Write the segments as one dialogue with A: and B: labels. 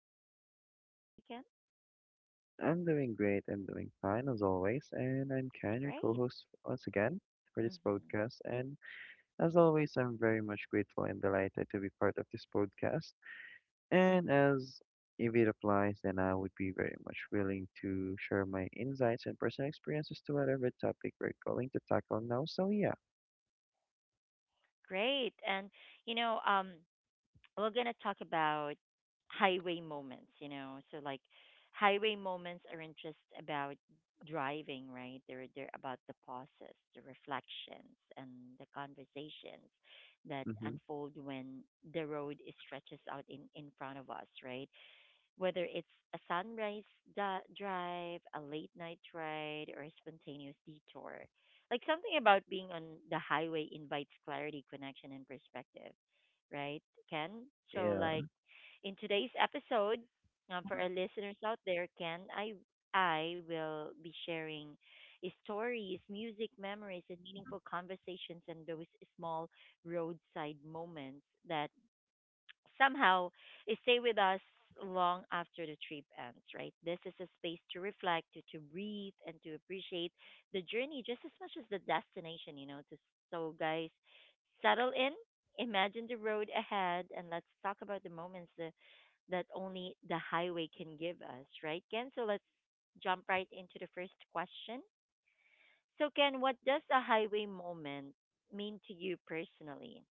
A: Ken. How are you doing today, Ken?
B: I'm doing great. I'm doing fine as always, and I'm
A: It's
B: Ken, your
A: great.
B: co-host once again for this
A: hmm
B: podcast. And as always, I'm very much grateful and delighted to be part of this podcast. And as if it applies, then I would be very much willing to share my insights and personal experiences to whatever topic we're going to tackle now. So yeah,
A: Great. You know, um, we're gonna talk about highway moments, So like highway moments aren't just about driving, right? They're about the pauses, the reflections, and the conversations that
B: mm-hmm.
A: unfold when the road is stretches out in front of us, right? Whether it's a sunrise drive, a late night ride, or a spontaneous detour, like something about being on the highway invites clarity, connection, and perspective, right, Ken? So,
B: Yeah,
A: like in today's episode, for our listeners out there, Ken, I will be sharing stories, music, memories, and meaningful conversations, and those small roadside moments that somehow stay with us long after the trip ends, right? This is a space to reflect, to breathe, and to appreciate the journey just as much as the destination, So, guys, settle in, imagine the road ahead, and let's talk about the moments that only the highway can give us, right, Ken? So, let's jump right into the first question. So, Ken, what does a highway moment mean to you personally?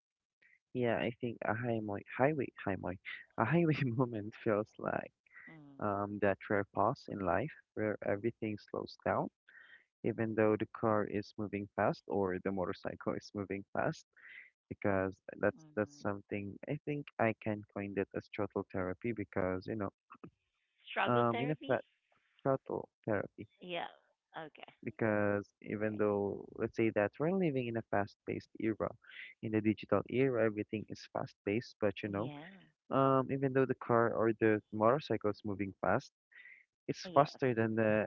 B: yeah. I think a high highway, highway, highway, a highway moment feels like
A: Mm.
B: that rare pause in life where everything slows down even though the car is moving fast or the motorcycle is moving fast because that's
A: Mm-hmm.
B: something I think I can coin it as throttle therapy because you know
A: Struggle
B: um in a fa-
A: therapy?
B: throttle therapy
A: Yeah. Okay.
B: because even
A: Right.
B: though let's say that we're living in a fast-paced era in the digital era everything is fast-paced but you know,
A: Yeah.
B: even though the car or the motorcycle is moving fast, it's
A: Yes.
B: faster than the,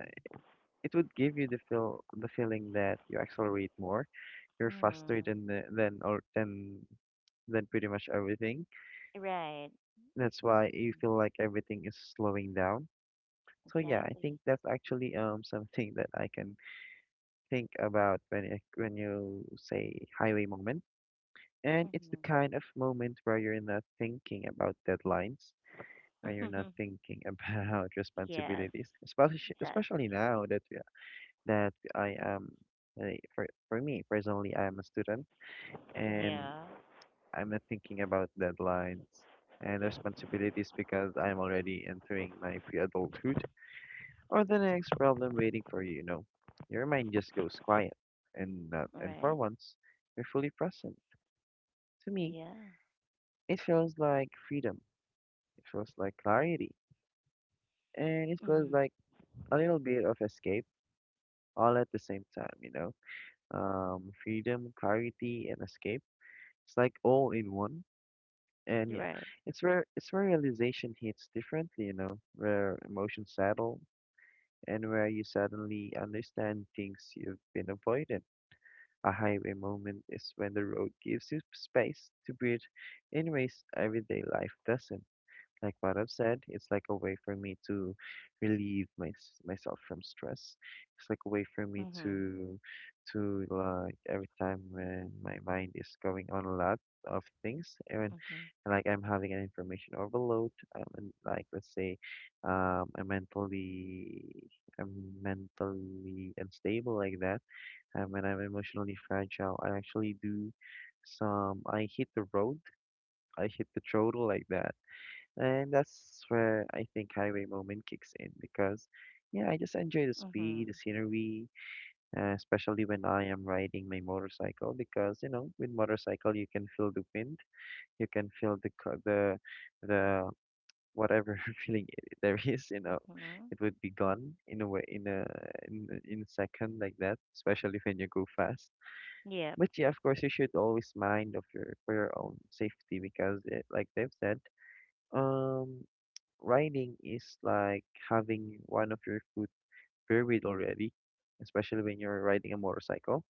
B: it would give you the feel the feeling that you accelerate more, you're
A: Mm.
B: faster than the, than or than than pretty much everything.
A: Right.
B: That's why you
A: Mm.
B: feel like everything is slowing down. So yeah, I
A: Exactly.
B: think that's actually something that I can think about when you say highway moment. And it's
A: Mm-hmm.
B: the kind of moment where you're not thinking about deadlines, where you're not thinking about
A: Yes.
B: responsibilities, especially
A: Exactly.
B: especially now that that I am, for me personally, I am a student, and
A: Yeah.
B: I'm not thinking about deadlines and responsibilities because I'm already entering my pre-adulthood or the next problem waiting for you, you know. Your mind just goes quiet and not, and for
A: Right.
B: once, you're fully present. To me,
A: Yeah.
B: it feels like freedom. It feels like clarity. And it feels
A: Mhm.
B: like a little bit of escape all at the same time, you know. Freedom, clarity, and escape. It's like all in one. And
A: You're
B: yeah,
A: right.
B: it's where realization hits differently, you know, where emotions settle and where you suddenly understand things you've been avoiding. A highway moment is when the road gives you space to breathe in ways everyday life doesn't, like what I've said, it's like a way for me to relieve my, myself from stress. It's like a way for me
A: Mhm.
B: to, every time when my mind is going on a lot of things and
A: Mhm.
B: like I'm having an information overload. And like let's say, I'm I'm mentally unstable like that. And when I'm emotionally fragile, I actually do some I hit the road. I hit the throttle like that, and that's where I think highway moment kicks in because, yeah, I just enjoy the speed,
A: Mhm.
B: the scenery, especially when I am riding my motorcycle because, you know, with motorcycle you can feel the wind, you can feel the co- the whatever feeling there is, you know,
A: Mhm.
B: it would be gone in a, in a second like that, especially when you go fast.
A: Yep.
B: But yeah, of course, you should always mind of your for your own safety because, it, like they've said. Um, Riding is like having one of your foot buried already, especially when you're riding a motorcycle.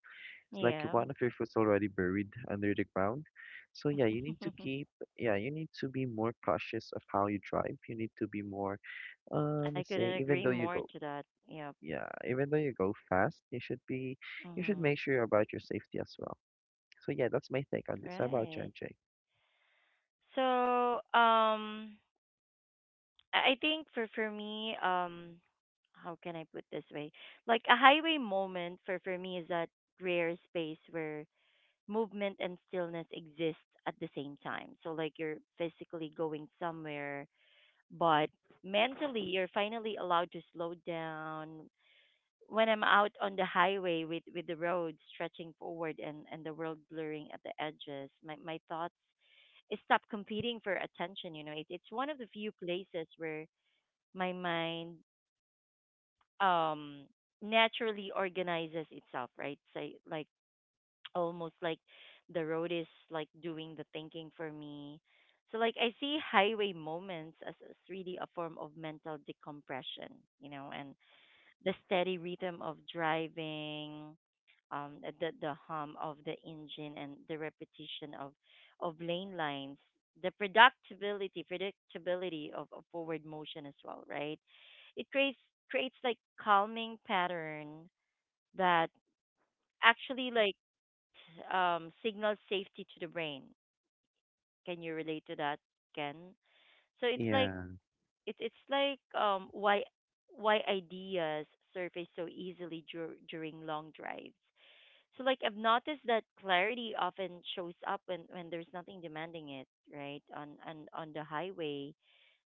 B: It's like
A: Yeah.
B: one of your foot's already buried under the ground. So yeah, you need to keep, yeah, you need to be more cautious of how you drive. You need to be more,
A: I
B: let's say,
A: couldn't
B: even
A: agree
B: though you
A: more
B: go,
A: to that. Yep.
B: yeah, even though you go fast, you should be, you should make
A: Mhm.
B: sure about your safety as well. So yeah, that's my take on this. How about you,
A: Right.
B: MJ?
A: So I think for me, how can I put this way? Like a highway moment for me is that rare space where movement and stillness exist at the same time. So like you're physically going somewhere, but mentally you're finally allowed to slow down. When I'm out on the highway with the road stretching forward and the world blurring at the edges, my thoughts stop competing for attention. It's one of the few places where my mind um naturally organizes itself, right? So like almost like the road is like doing the thinking for me. So like I see highway moments as really a form of mental decompression, and the steady rhythm of driving, the hum of the engine, and the repetition of lane lines, the predictability of forward motion as well, right? It creates Creates like calming pattern that actually like signals safety to the brain. Can you relate to that, Ken? So it's like
B: Yeah,
A: it it's like why ideas surface so easily during long drives. So like I've noticed that clarity often shows up when there's nothing demanding it, right? On the highway,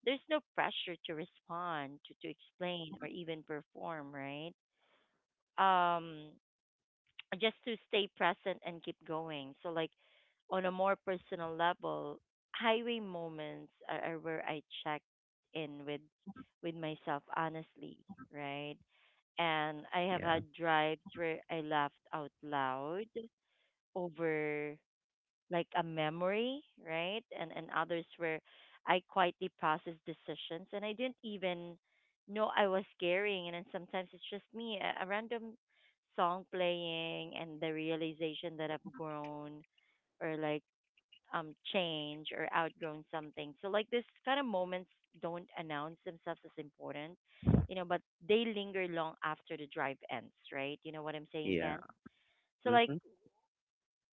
A: there's no pressure to respond, to explain or even perform, right? Um just to stay present and keep going. So like on a more personal level, highway moments are where I check in with myself honestly, right? And I have
B: yeah,
A: had drives where I laughed out loud over like a memory, right? And others where I quietly processed decisions and I didn't even know I was carrying. And then sometimes it's just me, a random song playing, and the realization that I've grown or like change or outgrown something. So like this kind of moments don't announce themselves as important, you know, but they linger long after the drive ends, right? You know what I'm saying,
B: yeah,
A: Ken? So like
B: mm-hmm,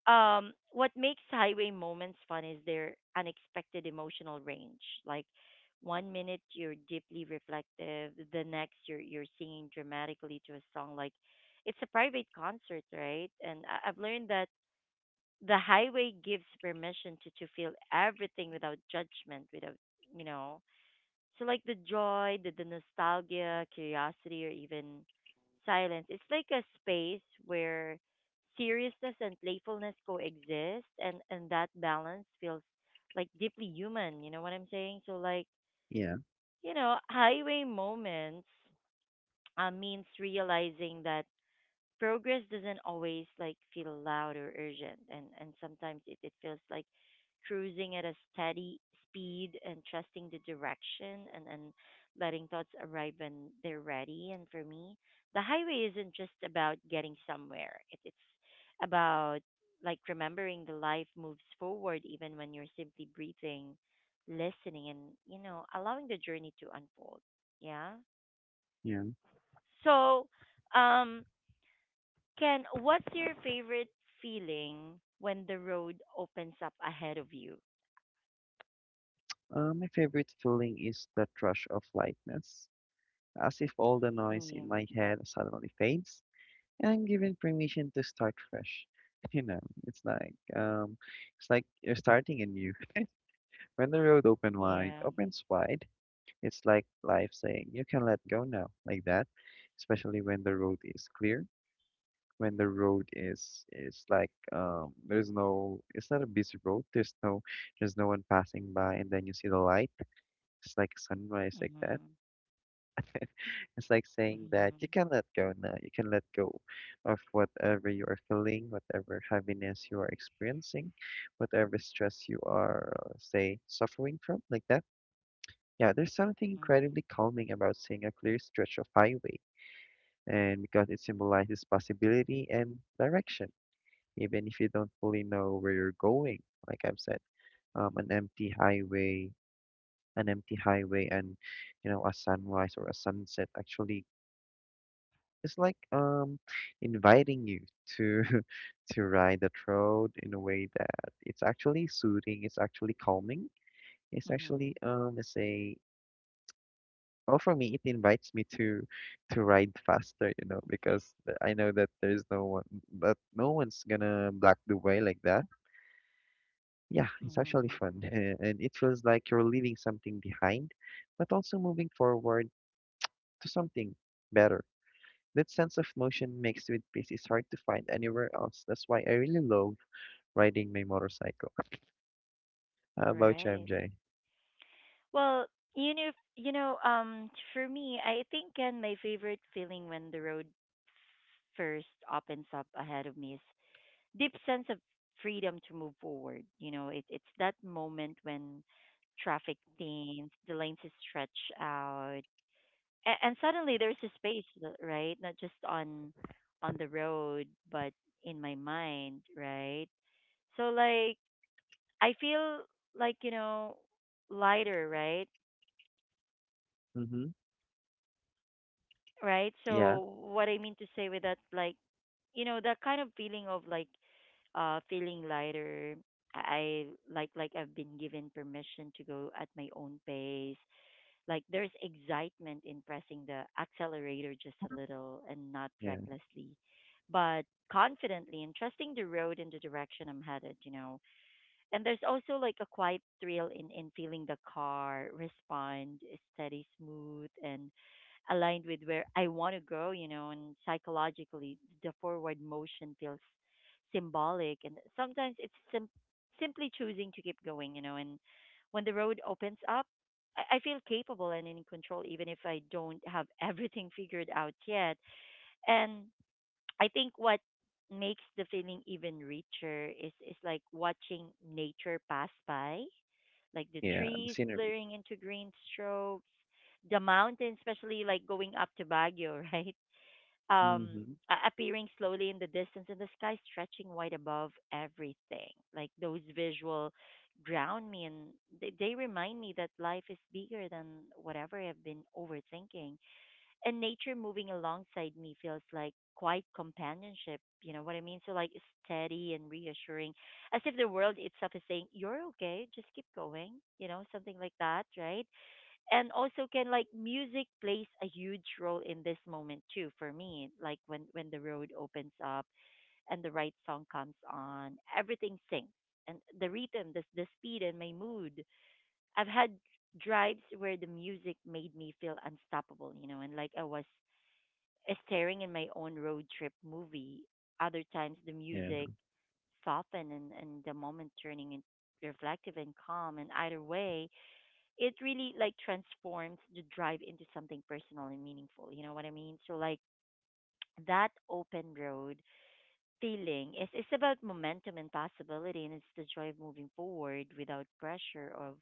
A: um what makes highway moments fun is their unexpected emotional range. Like one minute you're deeply reflective, the next you're singing dramatically to a song, like it's a private concert, right? And I've learned that the highway gives permission to feel everything without judgment, without you know so like the joy, the nostalgia, curiosity, or even silence. It's like a space where seriousness and playfulness coexist, and that balance feels like deeply human. You know what I'm saying? So like
B: yeah,
A: you know, highway moments means realizing that progress doesn't always like feel loud or urgent, and sometimes it feels like cruising at a steady speed and trusting the direction and letting thoughts arrive when they're ready. And for me, the highway isn't just about getting somewhere, it's about like remembering the life moves forward even when you're simply breathing, listening, and, you know, allowing the journey to unfold. Yeah.
B: yeah.
A: So um Ken, what's your favorite feeling when the road opens up ahead of you?
B: My favorite feeling is the rush of lightness, as if all the noise
A: Yeah.
B: in my head suddenly fades, and I'm given permission to start fresh. You know, it's like um, it's like you're starting anew. When the road open wide
A: Yeah.
B: opens wide, it's like life saying you can let go now, like that. Especially when the road is clear, when the road is like there's no, it's not a busy road. There's no one passing by, and then you see the light. It's like sunrise, like that.
A: Mhm.
B: It's like saying that you
A: Mhm.
B: can let go now. You can let go of whatever you are feeling, whatever heaviness you are experiencing, whatever stress you are, say, suffering from, like that. Yeah, there's something incredibly
A: Mhm.
B: calming about seeing a clear stretch of highway, and because it symbolizes possibility and direction, even if you don't fully know where you're going. Like I've said, um, an empty highway, an empty highway, and you know, a sunrise or a sunset actually, it's like inviting you to to ride that road in a way that it's actually soothing, it's actually calming. It's actually,
A: Mhm.
B: let's say, well for me it invites me to ride faster, you know, because I know that there's no one but no one's gonna block the way like that. Yeah, it's actually
A: Mhm.
B: fun. And it feels like you're leaving something behind, but also moving forward to something better. That sense of motion mixed with peace is hard to find anywhere else. That's why I really love riding my motorcycle. How about you,
A: Right.
B: MJ?
A: Well, for me, I think Ken, my favorite feeling when the road first opens up ahead of me is deep sense of freedom to move forward. It's that moment when traffic thins, the lanes stretch out, and suddenly there's a space right, not just on the road but in my mind, right? So like I feel like, you know, lighter, right?
B: Mm-hmm.
A: Right,
B: Yeah,
A: so what I mean to say with that, like, you know, that kind of feeling of like feeling lighter. i I- like I've been given permission to go at my own pace. Like there's excitement in pressing the accelerator just a little, and not
B: yeah,
A: recklessly, but confidently and trusting the road in the direction I'm headed, you know. And there's also like a quiet thrill in feeling the car respond steady, smooth, and aligned with where I want to go, you know. And psychologically, the forward motion feels symbolic. And sometimes simply choosing to keep going, you know. And when the road opens up, I feel capable and in control, even if I don't have everything figured out yet. And I think what makes the feeling even richer is like watching nature pass by, like the
B: yeah. The
A: trees
B: scenery.
A: blurring into green strokes, the mountains, especially like going up to Baguio, right? Um,
B: Mm-hmm.
A: Appearing slowly in the distance, and the sky stretching wide above everything. Like those visual ground me, and they remind me that life is bigger than whatever I've been overthinking, and nature moving alongside me feels like quiet companionship. You know what I mean? So like steady and reassuring, as if the world itself is saying, "You're okay, just keep going." You know, something like that, right? And also, can like music plays a huge role in this moment too for me? Like when the road opens up and the right song comes on, everything sinks, and the rhythm, the speed, and my mood. I've had drives where the music made me feel unstoppable, you know, and like I was staring in my own road trip movie. Other times, the
B: Yeah,
A: music softened, and the moment turning in reflective and calm. And either way, it really like transforms the drive into something personal and meaningful. You know what I mean? So like that open road feeling is it's about momentum and possibility, and it's the joy of moving forward without pressure of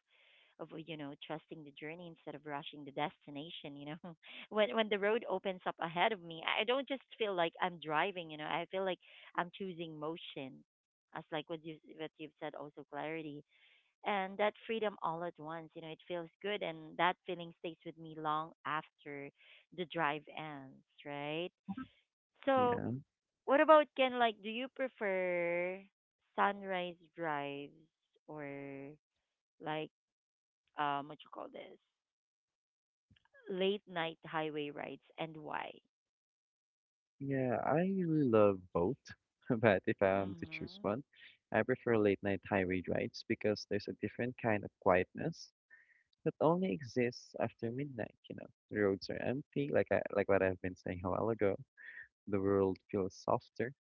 A: you know, trusting the journey instead of rushing the destination, you know. When the road opens up ahead of me, I don't just feel like I'm driving, you know, I feel like I'm choosing motion, as like what you what you've said, also clarity and that freedom all at once, you know. It feels good, and that feeling stays with me long after the drive ends, right? So
B: yeah,
A: what about Ken, like, do you prefer sunrise drives or like what you call this, late night highway rides, and why?
B: yeah. I really love both, but if I'm to choose
A: Mhm.
B: one, I prefer late night highway rides because there's a different kind of quietness that only exists after midnight. You know, the roads are empty, like what I've been saying a while ago. The world feels softer,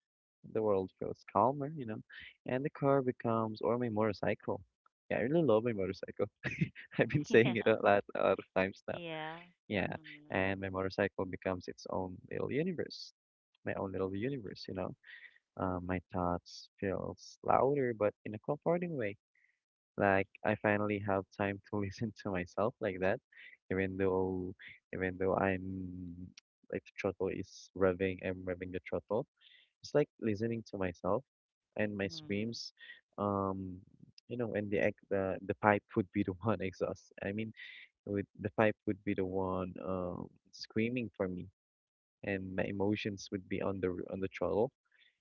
B: the world feels calmer, you know, and the car becomes, or my motorcycle. Yeah, I really love my motorcycle. I've been
A: Yeah.
B: saying it a lot of times now.
A: Yeah.
B: Yeah,
A: Mhm.
B: and my motorcycle becomes its own little universe, my own little universe, you know. My thoughts feels louder, but in a comforting way. Like I finally have time to listen to myself like that, even though, even though I'm like the throttle is revving, I'm revving the throttle, it's like listening to myself and my
A: Mhm.
B: screams, um, you know, and the pipe would be the one exhaust. I mean, with the pipe would be the one, screaming for me, and my emotions would be on on the throttle.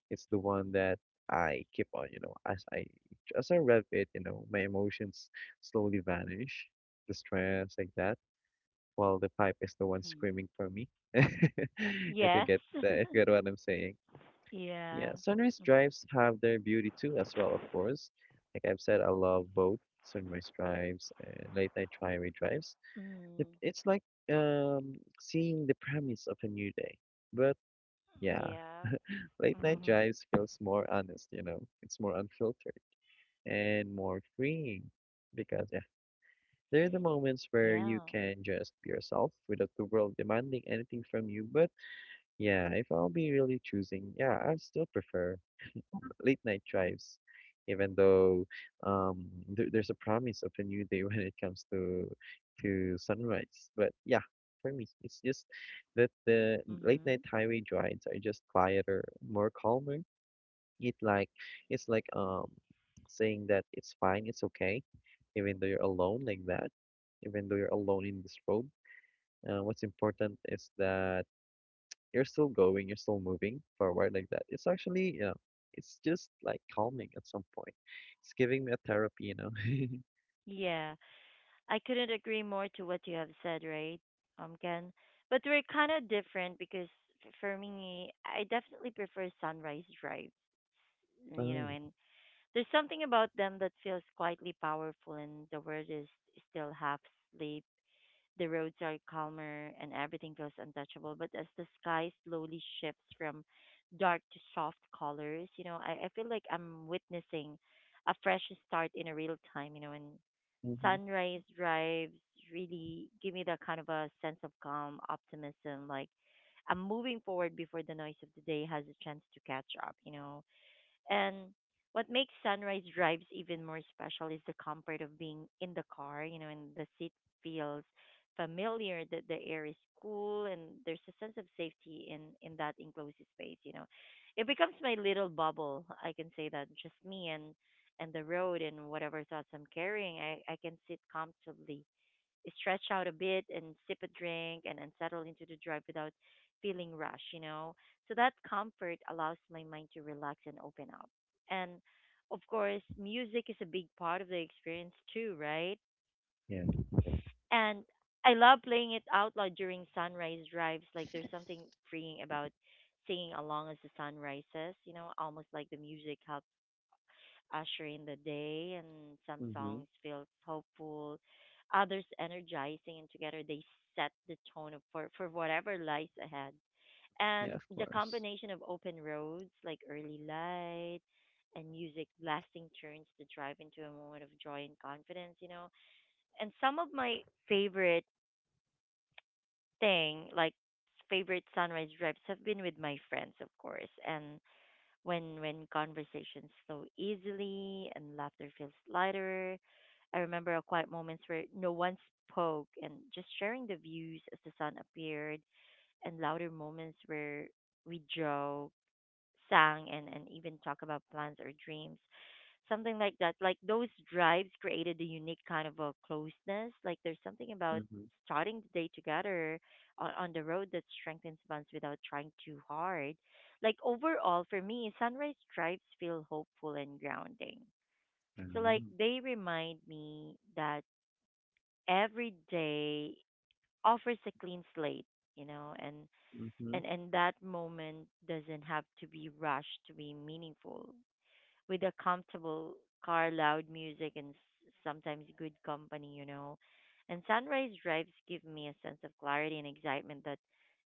B: It's the one that I keep on, you know, as I rev it, you know, my emotions slowly vanish, the stress like that, while the pipe is the one
A: Mhm.
B: screaming for me. If you
A: Yes.
B: get if you get what I'm saying.
A: Yeah.
B: Yeah, sunrise
A: Mhm.
B: drives have their beauty too, as well, of course. Like I've said, I love both sunrise drives and late night highway drives.
A: Mhm.
B: It's like seeing the premise of a new day. But yeah,
A: Yeah.
B: late night
A: Mhm.
B: drives feels more honest, you know. It's more unfiltered and more freeing because yeah, they're the moments where you
A: Yeah.
B: can just be yourself without the world demanding anything from you. But yeah, if I'll be really choosing, yeah, I still prefer late night drives, even though, there's a promise of a new day when it comes to sunrise. But yeah, for me, it's just that the late night
A: Mhm.
B: highway drives are just quieter, more calmer. It like it's like saying that it's fine, it's okay, even though you're alone like that, even though you're alone in this road. What's important is that you're still going, you're still moving forward like that. It's actually, you know, it's just like calming at some point. It's giving me a therapy, you know.
A: Yeah. I couldn't agree more to what you have said, right? Ken. But we're kind of different because for me, I definitely prefer sunrise drives, you know,
B: Oh,
A: and there's something about them that feels quietly powerful, and the world is still half asleep. The roads are calmer, and everything feels untouchable. But as the sky slowly shifts from dark to soft colors, you know, I feel like I'm witnessing a fresh start in a real time, you know, and
B: mm-hmm.
A: sunrise drives really give me that kind of a sense of calm optimism, like I'm moving forward before the noise of the day has a chance to catch up, you know. And what makes sunrise drives even more special is the comfort of being in the car, you know, and the seat feels familiar. That the air is cool, and there's a sense of safety in that enclosed space, you know. It becomes my little bubble, I can say that, just me and the road and whatever thoughts I'm carrying. I can sit comfortably, stretch out a bit and sip a drink, and settle into the drive without feeling rushed, you know. So that comfort allows my mind to relax and open up. And of course, music is a big part of the experience too, right?
B: Yeah.
A: And I love playing it out loud during sunrise drives. Like there's something freeing about singing along as the sun rises, you know, almost like the music helps usher in the day, and some
B: Mm-hmm.
A: songs feels hopeful, others energizing, and together they set the tone of, for whatever lies ahead.
B: Yeah,
A: And
B: of
A: the
B: course.
A: combination of open roads, like early light, and music blasting turns to drive into a moment of joy and confidence, you know. And some of my favorite thing, like favorite sunrise drives, have been with my friends, of course, and when conversations flow easily and laughter feels lighter. I remember a quiet moments where no one spoke and just sharing the views as the sun appeared, and louder moments where we joked, sang, and even talk about plans or dreams, something like that. Like those drives created a unique kind of a closeness. Like there's something about
B: Mm-hmm.
A: starting the day together on the road that strengthens bonds without trying too hard. Like overall, for me, sunrise drives feel hopeful and grounding. So like
B: Oh.
A: they remind me that every day offers a clean slate, you know, and
B: Mm-hmm.
A: and and that moment doesn't have to be rushed to be meaningful, with a comfortable car, loud music, and sometimes good company, you know. And sunrise drives give me a sense of clarity and excitement that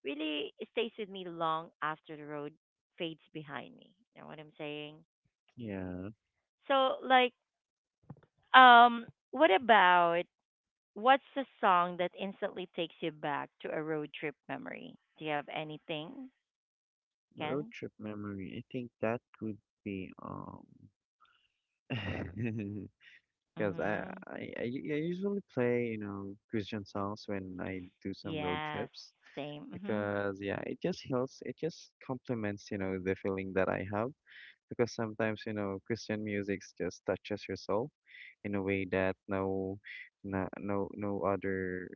A: really stays with me long after the road fades behind me. You know what I'm saying?
B: Yeah,
A: So, like, um, what about what's the song that instantly takes you back to a road trip memory? Do you have anything,
B: road
A: Ken?
B: trip memory. I think that would be because
A: Mhm.
B: I usually play, you know, Christian songs when I do some road
A: Yes.
B: trips
A: Same. Mhm.
B: because yeah, it just heals, it just complements, you know, the feeling that I have because sometimes you know Christian music just touches your soul in a way that no other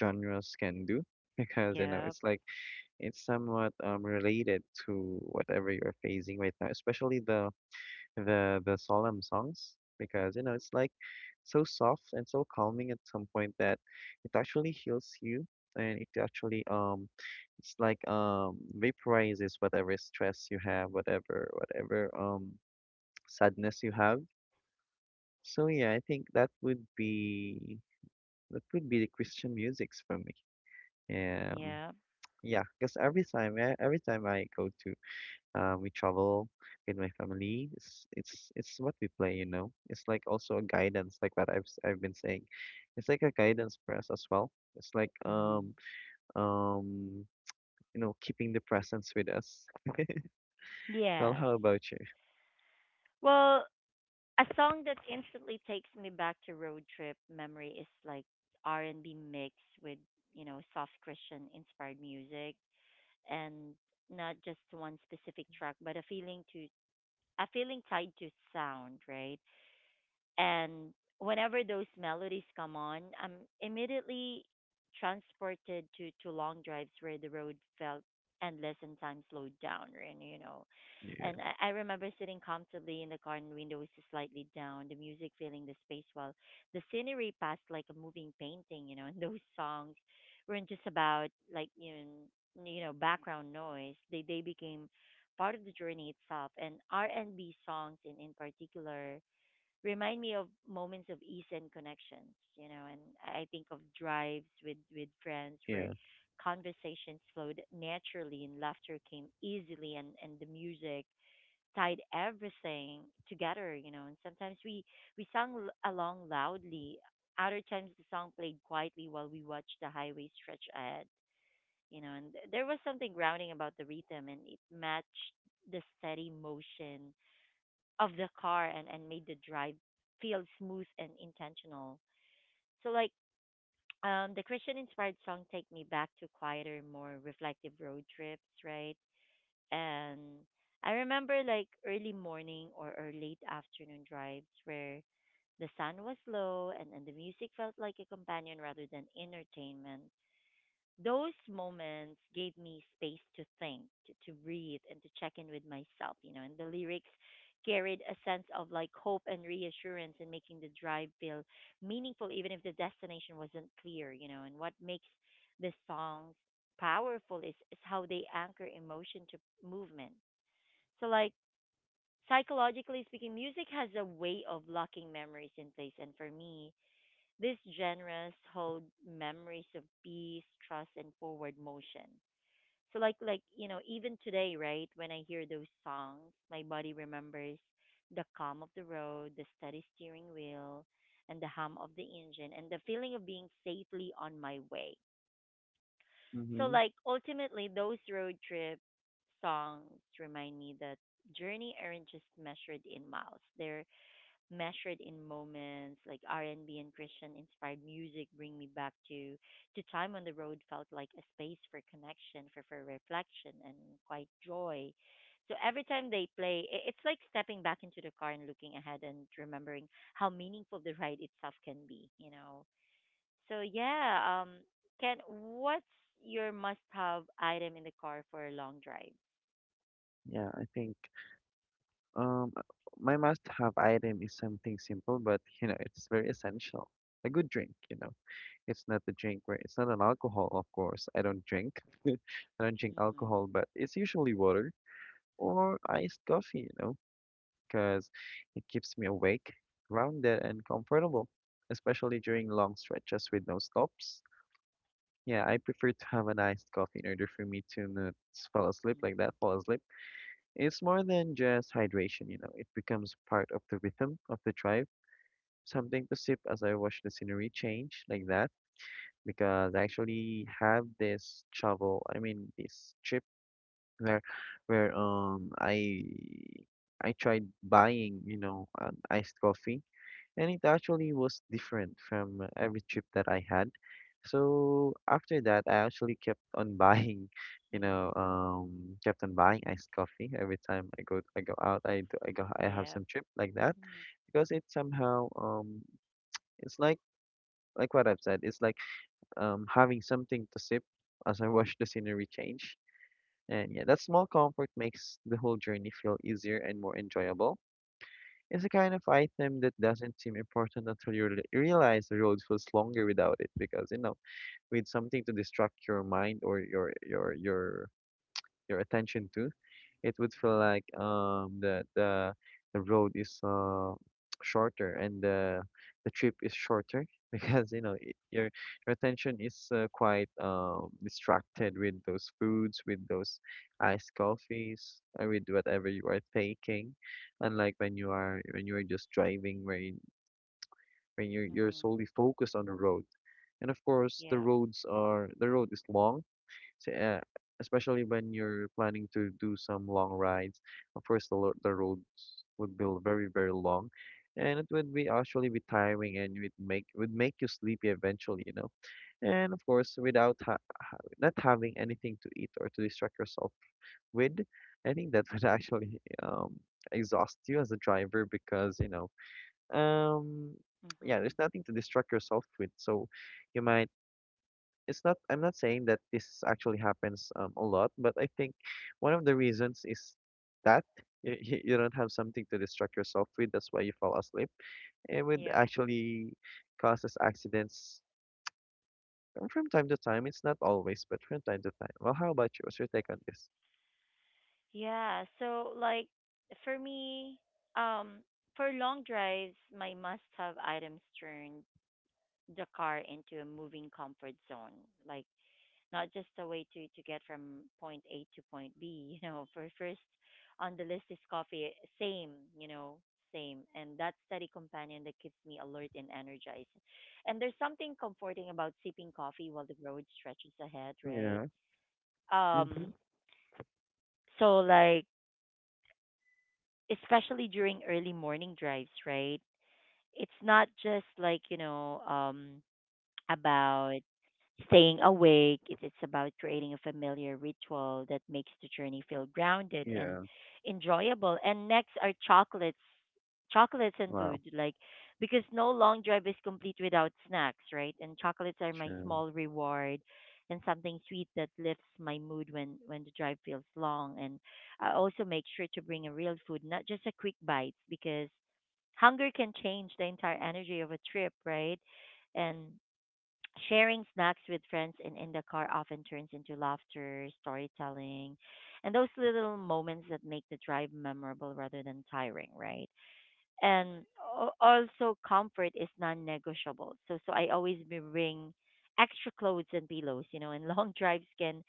B: genres can do because you know
A: Yep.
B: it's like it's somewhat related to whatever you're facing right now, especially the solemn songs because you know it's like so soft and so calming at some point that it actually heals you and it actually, it's like vaporizes whatever stress you have, whatever whatever sadness you have. So yeah, I think that would be, that would be the Christian musics for me. Um,
A: Yep.
B: yeah, because every time I go to, we travel with my family, it's it's what we play, you know. It's like also a guidance, like what I've been saying. It's like a guidance for us as well. It's like
A: Mhm.
B: um you know keeping the presence with us. Well,
A: Yes.
B: how about you?
A: Well, a song that instantly takes me back to road trip memory is like R&B mixed with, you know, soft Christian inspired music, and not just one specific track, but a feeling tied to sound, right? And whenever those melodies come on, I'm immediately transported to long drives where the road felt endless and time slowed down, and you know.
B: Yeah,
A: And I remember sitting comfortably in the car, and windows slightly down, the music filling the space while the scenery passed like a moving painting, you know, and those songs weren't just about, like you background noise. They became part of the journey itself, and R&B songs in particular remind me of moments of ease and connections, you know, and I think of drives with friends where
B: yeah,
A: conversations flowed naturally and laughter came easily, and the music tied everything together, you know, and sometimes we sung along loudly. Other times the song played quietly while we watched the highway stretch ahead, you know, and there was something grounding about the rhythm, and it matched the steady motion of the car, and made the drive feel smooth and intentional. So like, the Christian inspired song take me back to quieter, more reflective road trips, right? And I remember like early morning or late afternoon drives where the sun was low, and the music felt like a companion rather than entertainment. Those moments gave me space to think, to breathe, and to check in with myself, you know. And the lyrics carried a sense of like hope and reassurance, in making the drive feel meaningful, even if the destination wasn't clear, you know. And what makes the songs powerful is how they anchor emotion to movement. So, like, psychologically speaking, music has a way of locking memories in place. And for me, these genres hold memories of peace, trust, and forward motion. So like, you know, even today, right, when I hear those songs, my body remembers the calm of the road, the steady steering wheel, and the hum of the engine, and the feeling of being safely on my way. So
B: mm-hmm.
A: like, ultimately, those road trip songs remind me that journey aren't just measured in miles, they're measured in moments. Like R&B and Christian inspired music bring me back to time on the road, felt like a space for connection, for reflection and quite joy. So every time they play, it's like stepping back into the car and looking ahead and remembering how meaningful the ride itself can be, you know. So yeah, Ken, what's your must have item in the car for a long drive?
B: Yeah, I think. Um, uh, my must-have item is something simple, but you know, it's very essential. A good drink, you know. It's not a drink where it's not an alcohol, of course. I don't drink. I don't drink
A: Mm-hmm.
B: alcohol, but it's usually water or iced coffee, you know, because it keeps me awake, grounded, and comfortable, especially during long stretches with no stops. Yeah, I prefer to have an iced coffee in order for me to not fall asleep like that, fall asleep. It's more than just hydration, you know. It becomes part of the rhythm of the drive, something to sip as I watch the scenery change like that. Because I actually have this travel, I mean this trip where where I tried buying, you know, iced coffee, and it actually was different from every trip that I had. So after that, I actually kept on buying, you know,
A: Mm-hmm.
B: kept on buying iced coffee every time I go out. I do, I go I have
A: Yep.
B: some trip like that because it somehow it's like what I've said. It's like having something to sip as I watch the scenery change. And yeah, that small comfort makes the whole journey feel easier and more enjoyable. It's the kind of item that doesn't seem important until you realize the road feels longer without it because you know, with something to distract your mind or your attention to, it would feel
A: Mm-hmm.
B: like the road is shorter and the trip is shorter because you know it, your attention is quite distracted with those foods, with those iced coffees, or with whatever you are taking, unlike when you are just driving, when you're
A: Mm-hmm.
B: solely focused on the road. And of course,
A: Yeah.
B: the road is long, so, especially when you're planning to do some long rides, of course the roads would be very, very long, and it would be actually be tiring, and it make would make you sleepy eventually, you know. And of course, without ha ha not having anything to eat or to distract yourself with, I think that would actually exhaust you as a driver because you know um yeah, there's
A: Mhm.
B: nothing to distract yourself with, so you might it's not I'm not saying that this actually happens a lot, but I think one of the reasons is that you don't have something to distract yourself with. That's why you fall asleep. It would
A: Yep.
B: actually cause us accidents from time to time. It's not always, but from time to time. Well, how about you? What's your take on this?
A: Yeah. So like, for me, um, for long drives, my must-have items turn the car into a moving comfort zone. Like, not just a way to get from point A to point B. You know, for first on the list is coffee. Same. You know, same. And that steady companion that keeps me alert and energized. And there's something comforting about sipping coffee while the road stretches ahead. Right.
B: Yeah. Mm-hmm.
A: Um. So like, especially during early morning drives, right? It's not just like, you know, about staying awake. It's about creating a familiar ritual that makes the journey feel grounded and
B: Yeah.
A: enjoyable. And next are chocolates and
B: Wow.
A: food, like, because no long drive is complete without snacks, right? And chocolates are my
B: True.
A: small reward, and something sweet that lifts my mood when the drive feels long. And I also make sure to bring a real food, not just a quick bites, because hunger can change the entire energy of a trip, right? And sharing snacks with friends and in the car often turns into laughter, storytelling, and those little moments that make the drive memorable rather than tiring, right? And also, comfort is non-negotiable. So I always bring extra clothes and pillows, you know, and long drives can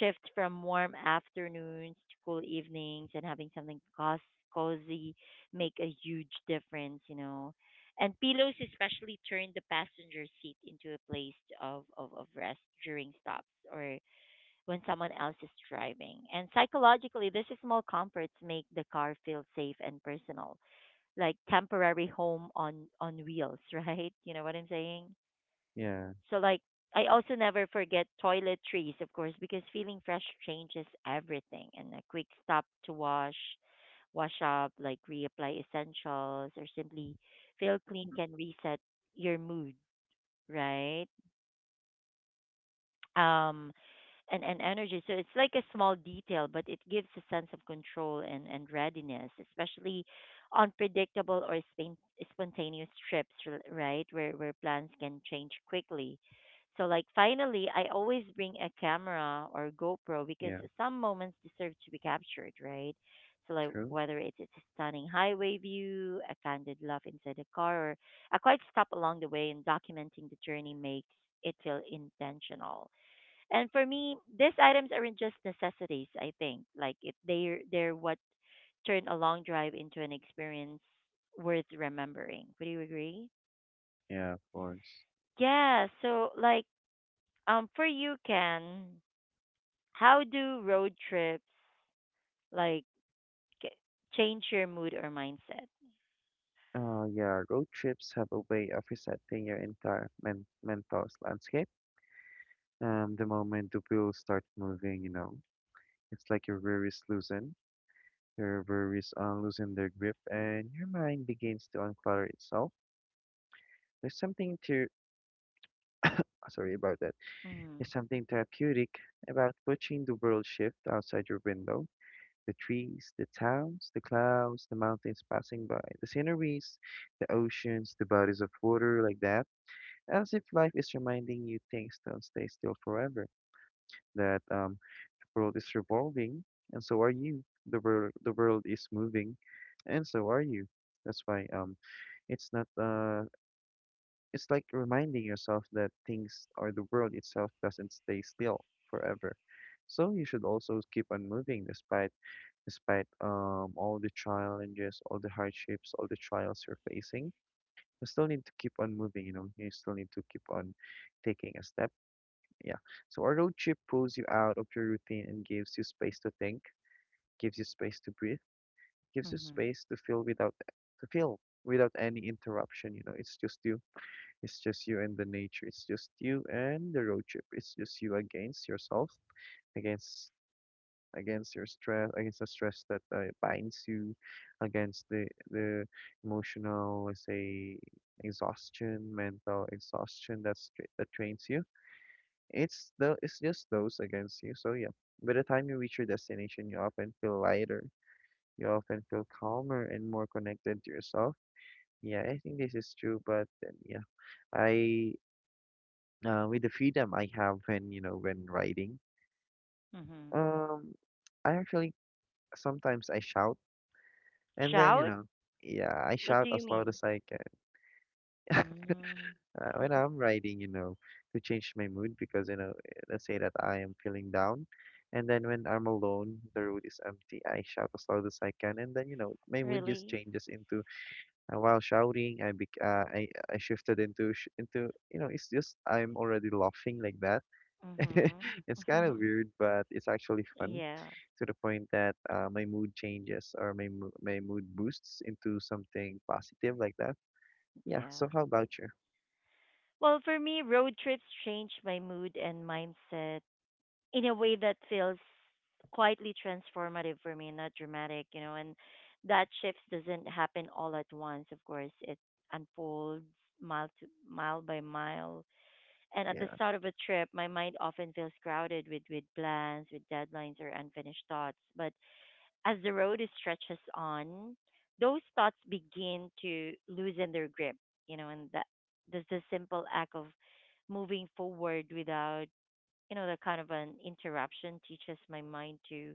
A: shift from warm afternoons to cool evenings, and having something cozy make a huge difference, you know. And pillows especially turn the passenger seat into a place of rest during stops or when someone else is driving. And psychologically, these small comforts make the car feel safe and personal, like temporary home on wheels, right? You know what I'm saying?
B: Yeah.
A: So like, I also never forget toiletries, of course, because feeling fresh changes everything, and a quick stop to wash up, like reapply essentials or simply feel clean, can reset your mood, right? Um and energy. So it's like a small detail, but it gives a sense of control and readiness, especially on predictable or spontaneous trips, right? Where plans can change quickly. So, like, finally, I always bring a camera or GoPro because
B: Yeah.
A: some moments deserve to be captured, right? So, like,
B: True.
A: whether it's a stunning highway view, a candid laugh inside a car, or a quiet stop along the way, and documenting the journey makes it feel intentional. And for me, these items aren't just necessities, I think. Like it, they're what turn a long drive into an experience worth remembering. Would you agree?
B: Yeah, of course.
A: Yeah, so like, um, for you, Ken, how do road trips like ca- change your mood or mindset?
B: Yeah, road trips have a way of resetting your entire mental landscape. The moment the wheels start moving, you know, it's like your worries loosen, your worries unloosen their grip, and your mind begins to unclutter itself. There's something to, Sorry about that.
A: Mhm.
B: There's something therapeutic about watching the world shift outside your window. The trees, the towns, the clouds, the mountains passing by, the sceneries, the oceans, the bodies of water, like that, as if life is reminding you things don't stay still forever. That world is revolving, and so are you. The world is moving, and so are you. That's why it's not it's like reminding yourself that things or the world itself doesn't stay still forever. So you should also keep on moving despite despite all the challenges, all the hardships, all the trials you're facing. You still need to keep on moving, you know, you still need to keep on taking a step. Yeah. So our road trip pulls you out of your routine and gives you space to think, gives you space to breathe, gives you
A: Mhm.
B: space to feel without any interruption. You know, it's just you and the nature, it's just you and the road trip, it's just you against yourself, against against your stress, against the stress that binds you, against the emotional, let's say, exhaustion, mental exhaustion that's that trains you. It's the it's just those against you. So yeah, by the time you reach your destination, you often feel lighter, you often feel calmer and more connected to yourself. Yeah, I think this is true, but then, yeah, I with the freedom I have when, you know, when riding,
A: Mhm.
B: um, I actually sometimes I shout and then, you
A: Shout?
B: know, yeah, I
A: What
B: shout
A: do you
B: as loud
A: mean?
B: as I can,
A: Mm,
B: when I'm riding, you know, to change my mood because, you know, let's say that I am feeling down. And then when I'm alone, the road is empty, I shout as loud as I can. And then, you know, my mood just
A: really?
B: changes into. And while shouting, I bec I shifted into sh into, you know, it's just I'm already laughing like that.
A: Mhm.
B: It's kind of weird, but it's actually fun
A: Yeah.
B: to the point that my mood changes, or my mood boosts into something positive like that. Yeah. So
A: Yeah.
B: how about you?
A: Well, for me, road trips change my mood and mindset in a way that feels quietly transformative for me, not dramatic, you know, and that shift doesn't happen all at once, of course. It unfolds mile to mile by mile. And at the
B: Yeah.
A: start of a trip, my mind often feels crowded with plans, with deadlines or unfinished thoughts. But as the road stretches on, those thoughts begin to loosen their grip, you know, and that there's the simple act of moving forward without, you know, that kind of an interruption, teaches my mind to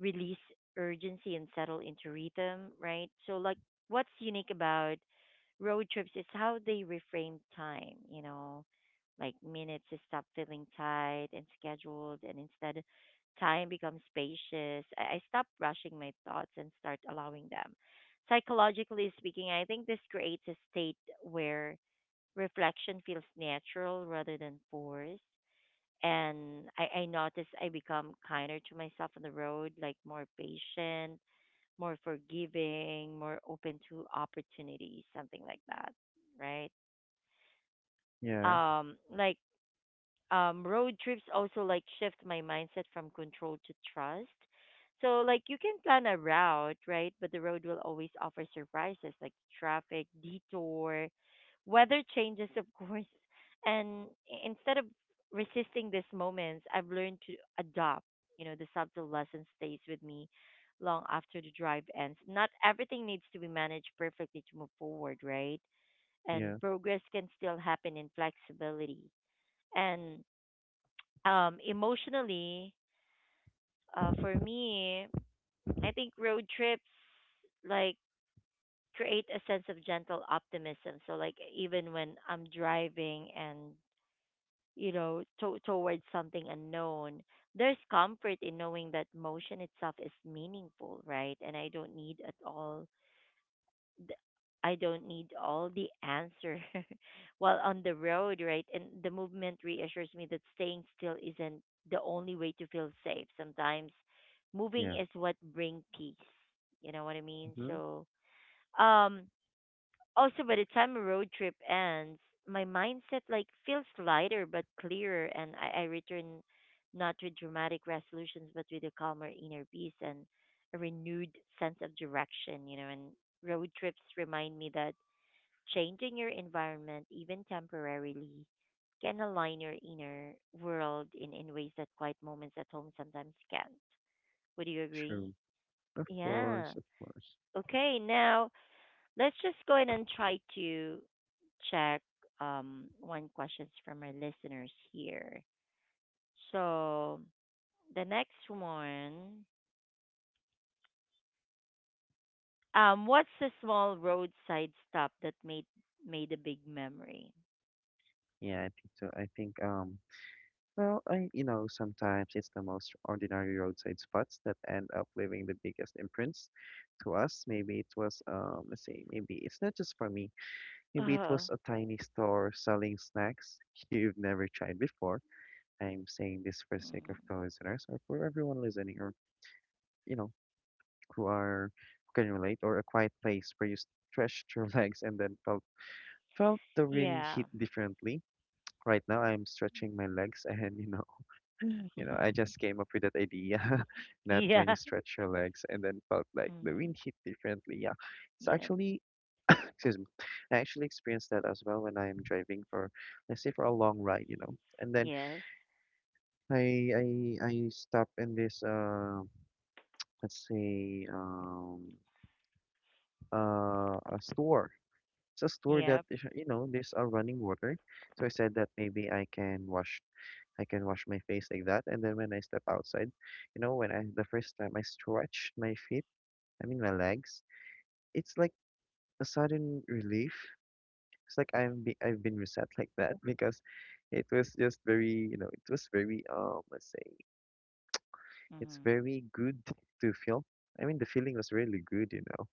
A: release urgency and settle into rhythm, right? So like, what's unique about road trips is how they reframe time, you know, like minutes to stop feeling tight and scheduled, and instead time becomes spacious. I stop rushing my thoughts and start allowing them. Psychologically speaking, I think this creates a state where reflection feels natural rather than forced, and I noticed I become kinder to myself on the road, like more patient, more forgiving, more open to opportunities, something like that, right?
B: Yeah.
A: Um, like road trips also like shift my mindset from control to trust. So like, you can plan a route, right? But the road will always offer surprises, like traffic, detour, weather changes, of course. And instead of resisting these moments, I've learned to adopt. You know, the subtle lesson stays with me long after the drive ends. Not everything needs to be managed perfectly to move forward, right?
B: Yeah.
A: And progress can still happen in flexibility. And emotionally, for me, I think road trips, like, create a sense of gentle optimism. So, like, even when I'm driving and, you know, towards something unknown, there's comfort in knowing that motion itself is meaningful, right? And th- I don't need all the answer while on the road, right? And the movement reassures me that staying still isn't the only way to feel safe. Sometimes moving
B: Yeah.
A: is what brings peace. You know what I mean?
B: Mm-hmm.
A: So, um, also, by the time a road trip ends, my mindset, like, feels lighter but clearer, and I return not with dramatic resolutions, but with a calmer inner peace and a renewed sense of direction. You know, and road trips remind me that changing your environment, even temporarily, can align your inner world in ways that quiet moments at home sometimes can't. Would you agree?
B: True. Of
A: Yeah.
B: course. Of course.
A: Okay, now, let's just go ahead and try to check one questions from our listeners here. So the next one, what's the small roadside stop that made a big memory?
B: Yeah. I think so. I think. Well, I, you know, sometimes it's the most ordinary roadside spots that end up leaving the biggest imprints to us. Maybe it was, let's see, maybe it's not just for me. Maybe it was
A: Oh.
B: a tiny store selling snacks you've never tried before. I'm saying this for sake
A: Mm.
B: of the listeners or for everyone listening, or, you know, who are, who can relate, or a quiet place where you stretched your legs and then felt the wind
A: Yeah.
B: hit differently. Right now, I'm stretching my legs and, you know, you know, I just came up with that idea that when
A: Yeah.
B: you stretch your legs and then felt like the
A: Mm.
B: wind hit differently. Yeah, it's
A: Yep.
B: actually, excuse me, I actually experienced that as well when I'm driving for, let's say, for a long ride, you know. And then
A: Yes.
B: I I I stop in this let's say a store. It's a store that
A: Yep.
B: is, you know, there's a running water, so I said that maybe I can wash my face like that. And then when I step outside, you know, when I the first time I stretched my feet, I mean my legs, it's like a sudden relief. It's like I've been reset like that because it was just very, you know, it was very let's say it's
A: Mm.
B: very good to feel. I mean the feeling was really good, you know.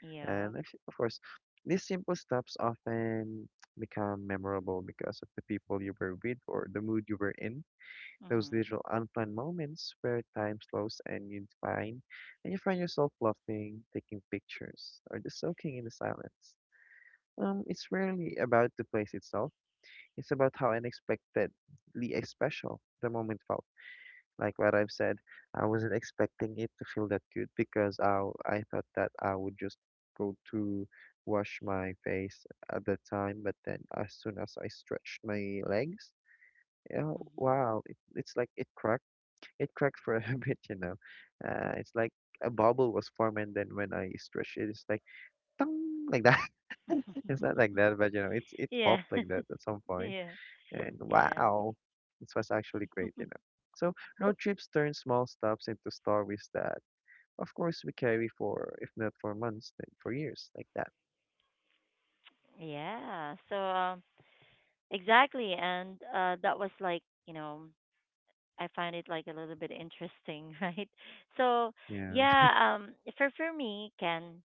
A: Yep.
B: And actually, of course, these simple steps often become memorable because of the people you were with or the mood you were in. Those
A: Mm.
B: little unplanned moments where time slows and you find yourself laughing, taking pictures, or just soaking in the silence. It's rarely about the place itself. It's about how unexpectedly special the moment felt. Like what I've said, I wasn't expecting it to feel that good because I thought that I would just go to wash my face at the time, but then as soon as I stretched my legs, yeah,
A: Mm.
B: wow, it, it's like it cracked for a bit, you know. It's like a bubble was formed, and then when I stretched it, it's like tong like that. It's not like that, but you know, it's it
A: Yeah.
B: popped like that at some point,
A: Yeah.
B: and
A: Yeah.
B: wow, this was actually great, you know. So road trips turn small stops into stories that, of course, we carry for if not for months, then for years, like that.
A: Yeah. So, exactly, and that was like, you know, I find it like a little bit interesting, right? So
B: Yeah.
A: yeah, for me, Ken,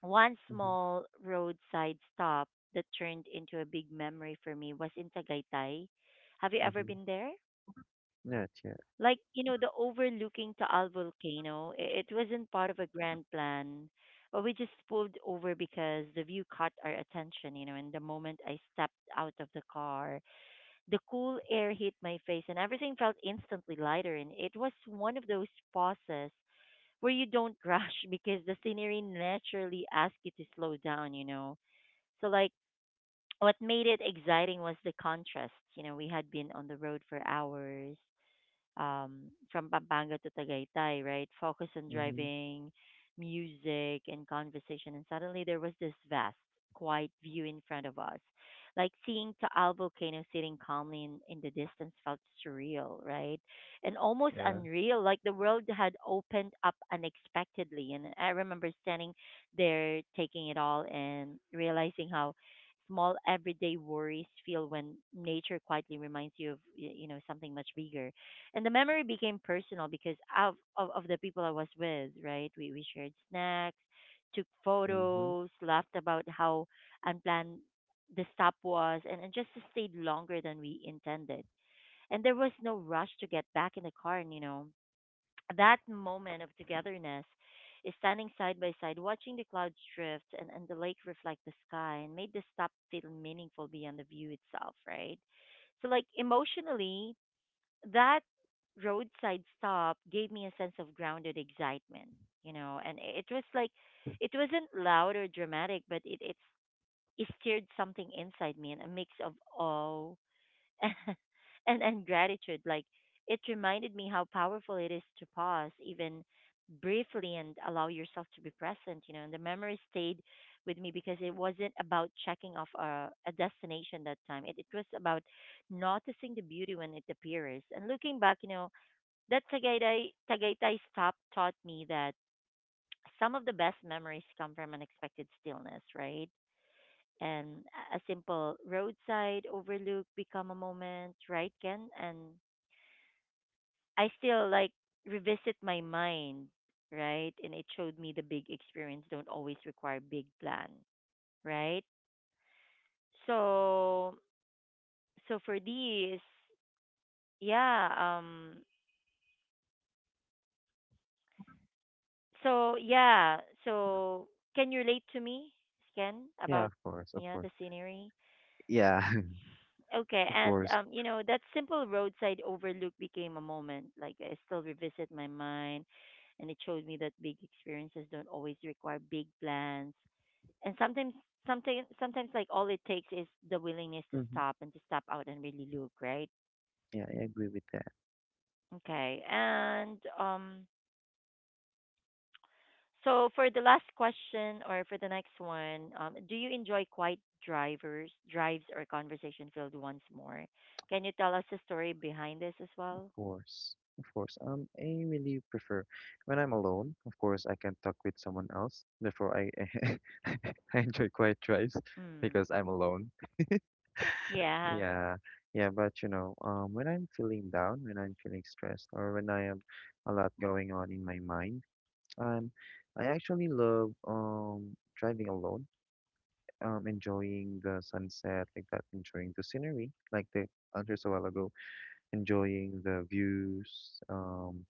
A: one
B: Mm-hmm.
A: small roadside stop that turned into a big memory for me was in Tagaytay. Have you ever
B: Mm-hmm.
A: been there?
B: Not yet.
A: Like, you know, the overlooking Taal volcano. It wasn't part of a grand plan, but we just pulled over because the view caught our attention, you know. And the moment I stepped out of the car, the cool air hit my face, and everything felt instantly lighter. And it was one of those pauses where you don't rush because the scenery naturally asks you to slow down, you know. So, like, what made it exciting was the contrast. You know, we had been on the road for hours, from Pampanga to Tagaytay, right? Focus on
B: Mm-hmm.
A: driving, music, and conversation. And suddenly there was this vast, quiet view in front of us. Like seeing Taal volcano sitting calmly in the distance felt surreal, right? And almost
B: Yeah.
A: unreal. Like the world had opened up unexpectedly. And I remember standing there, taking it all and realizing how small everyday worries feel when nature quietly reminds you of you know something much bigger. And the memory became personal because of the people I was with, right? We shared snacks, took
B: Mm-hmm.
A: photos, laughed about how unplanned the stop was, and, just stayed longer than we intended. And there was no rush to get back in the car, and you know, that moment of togetherness is standing side by side, watching the clouds drift and the lake reflect the sky and made the stop feel meaningful beyond the view itself, right? So, like, emotionally, that roadside stop gave me a sense of grounded excitement, you know, and it was like it wasn't loud or dramatic, but it stirred something inside me, and a mix of awe and gratitude. Like, it reminded me how powerful it is to pause even briefly and allow yourself to be present, you know. And the memory stayed with me because it wasn't about checking off a destination that time. It was about noticing the beauty when it appears, and looking back, you know, that Tagaytay stop taught me that some of the best memories come from unexpected stillness, right? And a simple roadside overlook become a moment, right, Ken? And I still, like, revisit my mind, right? And it showed me the big experience don't always require big plan, right? So so for these, yeah, so yeah, so can you relate to me, Ken,
B: Yeah,
A: about,
B: of course, of
A: yeah,
B: course.
A: the scenery?
B: Yeah,
A: Okay,
B: of
A: and
B: course.
A: you know that simple roadside overlook became a moment. Like I still revisit my mind, and it showed me that big experiences don't always require big plans. And sometimes, like, all it takes is the willingness to
B: Mm-hmm.
A: stop and to stop out and really look, right?
B: Yeah, I agree with that.
A: Okay, and so for the last question or for the next one, do you enjoy quiet drives, or conversation filled ones more? Can you tell us the story behind this as well?
B: Course, of course. I really prefer when I'm alone. Of course, I can talk with someone else. Therefore, I I enjoy quiet drives
A: Mm.
B: because I'm alone.
A: Yeah.
B: Yeah, yeah. But you know, when I'm feeling down, when I'm feeling stressed, or when I have a lot going on in my mind, um, I actually love driving alone. Enjoying the sunset like that, enjoying the scenery like the answer a while ago, enjoying the views.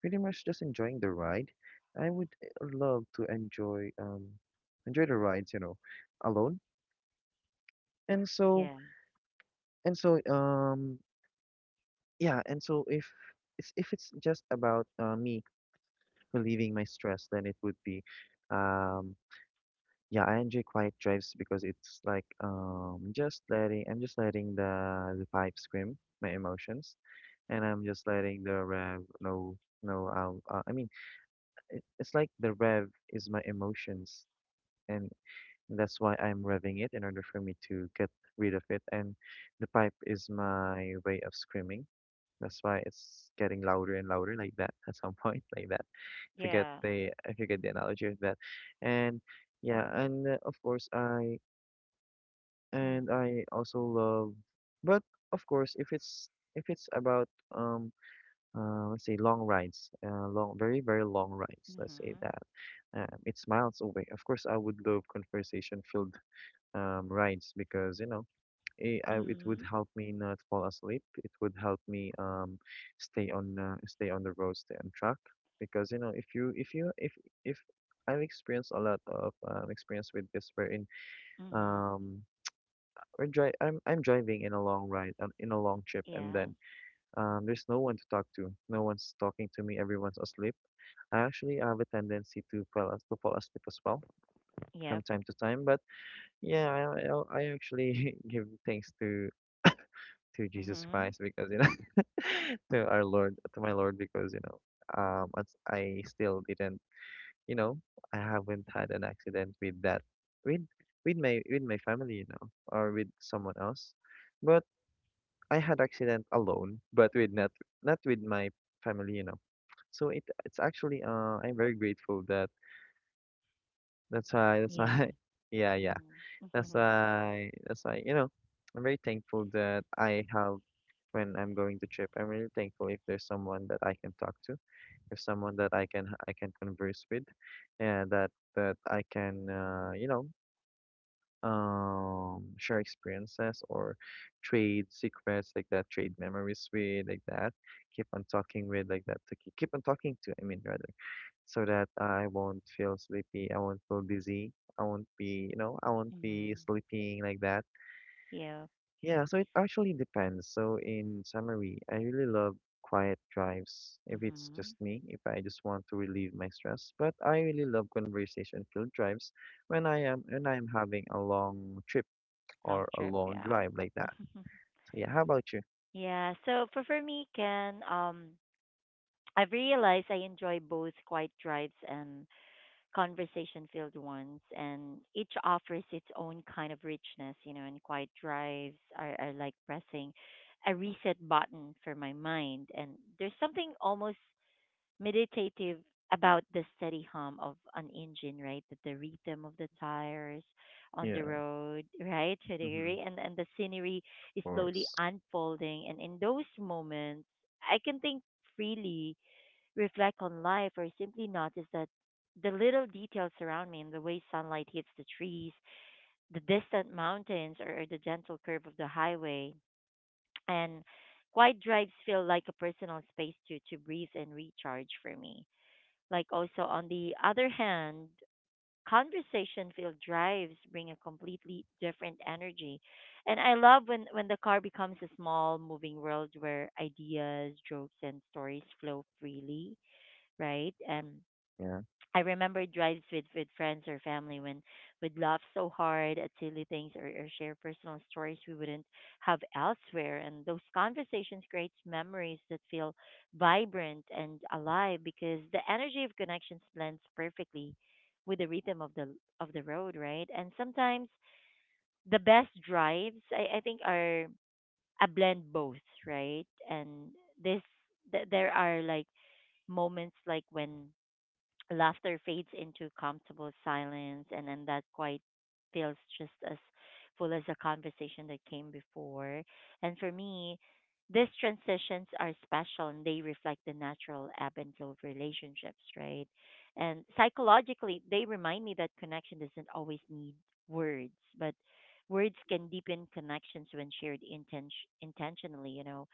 B: Pretty much just enjoying the ride. I would love to enjoy the rides, you know, alone. And so
A: Yeah.
B: and so yeah, and so if it's just about me relieving my stress, then it would be um yeah, I enjoy quiet drives because it's like just letting I'm just letting the pipe scream my emotions, and I'm just letting the rev know how I mean it's like the rev is my emotions. And that's why I'm revving it, in order for me to get rid of it. And the pipe is my way of screaming. That's why it's getting louder and louder like that at some point, like that. If you get
A: Yeah.
B: the if you get the analogy of that. And yeah, and of course
A: Mm.
B: I also love, but of course if it's about um let's say long rides, uh, long very very long rides, let's say
A: Mhm.
B: that. It's miles away. Of course I would love conversation filled rides because you know it would
A: Mhm.
B: help me not fall asleep. It would help me stay on stay on the road, stay on track. Because you know if you if you if I've experienced a lot of experience with this, wherein
A: Mhm.
B: um, I'm driving in a long ride, in a long trip, and
A: Yeah.
B: then there's no one to talk to. No one's talking to me. Everyone's asleep. I actually have a tendency to to fall asleep as well from
A: Yep.
B: time to time, but. Yeah, I actually give thanks to Jesus
A: Mhm.
B: Christ because you know to our Lord, to my Lord, because you know once I still didn't you know, I haven't had an accident with that, with with my family, you know, or with someone else. But I had accident alone, but with not, not with my family, you know. So it's actually I'm very grateful that that's why that's
A: Yeah.
B: why yeah, yeah,
A: Mhm.
B: that's
A: Mhm.
B: why that's why you know I'm very thankful that I have when I'm going to trip. I'm really thankful if there's someone that I can talk to, if someone that I can converse with, and that I can you know share experiences, or trade secrets like that, trade memories with like that, keep on talking with like that, to keep on talking to. I mean, rather, so that I won't feel sleepy, I won't feel dizzy, I won't be you know I won't be
A: Mhm.
B: sleeping like that.
A: Yep.
B: Yeah, so it actually depends. So in summary, I really love quiet drives if it's just
A: Mhm.
B: me, if I just want to relieve my stress. But I really love conversation filled drives when I am when I'm having a long trip or
A: Long
B: a
A: trip.
B: long
A: Yeah.
B: drive like that. So yeah, how about you?
A: Yeah. So for me, Ken, I've realized I enjoy both quiet drives and conversation filled ones, and each offers its own kind of richness, you know. And quiet drives are like pressing a reset button for my mind. And there's something almost meditative about the steady hum of an engine, right? The, rhythm of the tires on the
B: Yeah,
A: road right to the
B: mm-hmm, of
A: degree, and the scenery is slowly
B: course.
A: unfolding. And in those moments I can think freely, reflect on life, or simply notice that the little details around me, and the way sunlight hits the trees, the distant mountains, or the gentle curve of the highway. And quiet drives feel like a personal space to breathe and recharge for me. Like, also, on the other hand, conversation filled drives bring a completely different energy. And I love when, the car becomes a small, moving world where ideas, jokes, and stories flow freely, right? And
B: Yeah,
A: I remember drives with, friends or family when we'd laugh so hard at silly things, or share personal stories we wouldn't have elsewhere. And those conversations create memories that feel vibrant and alive because the energy of connections blends perfectly with the rhythm of the road, right? And sometimes the best drives, I think, are a blend both, right? And this there are, like, moments like when laughter fades into comfortable silence, and then that quiet feels just as full as the conversation that came before. And for me, these transitions are special, and they reflect the natural ebb and flow of relationships, right? And psychologically, they remind me that connection doesn't always need words, but words can deepen connections when shared intentionally, you know.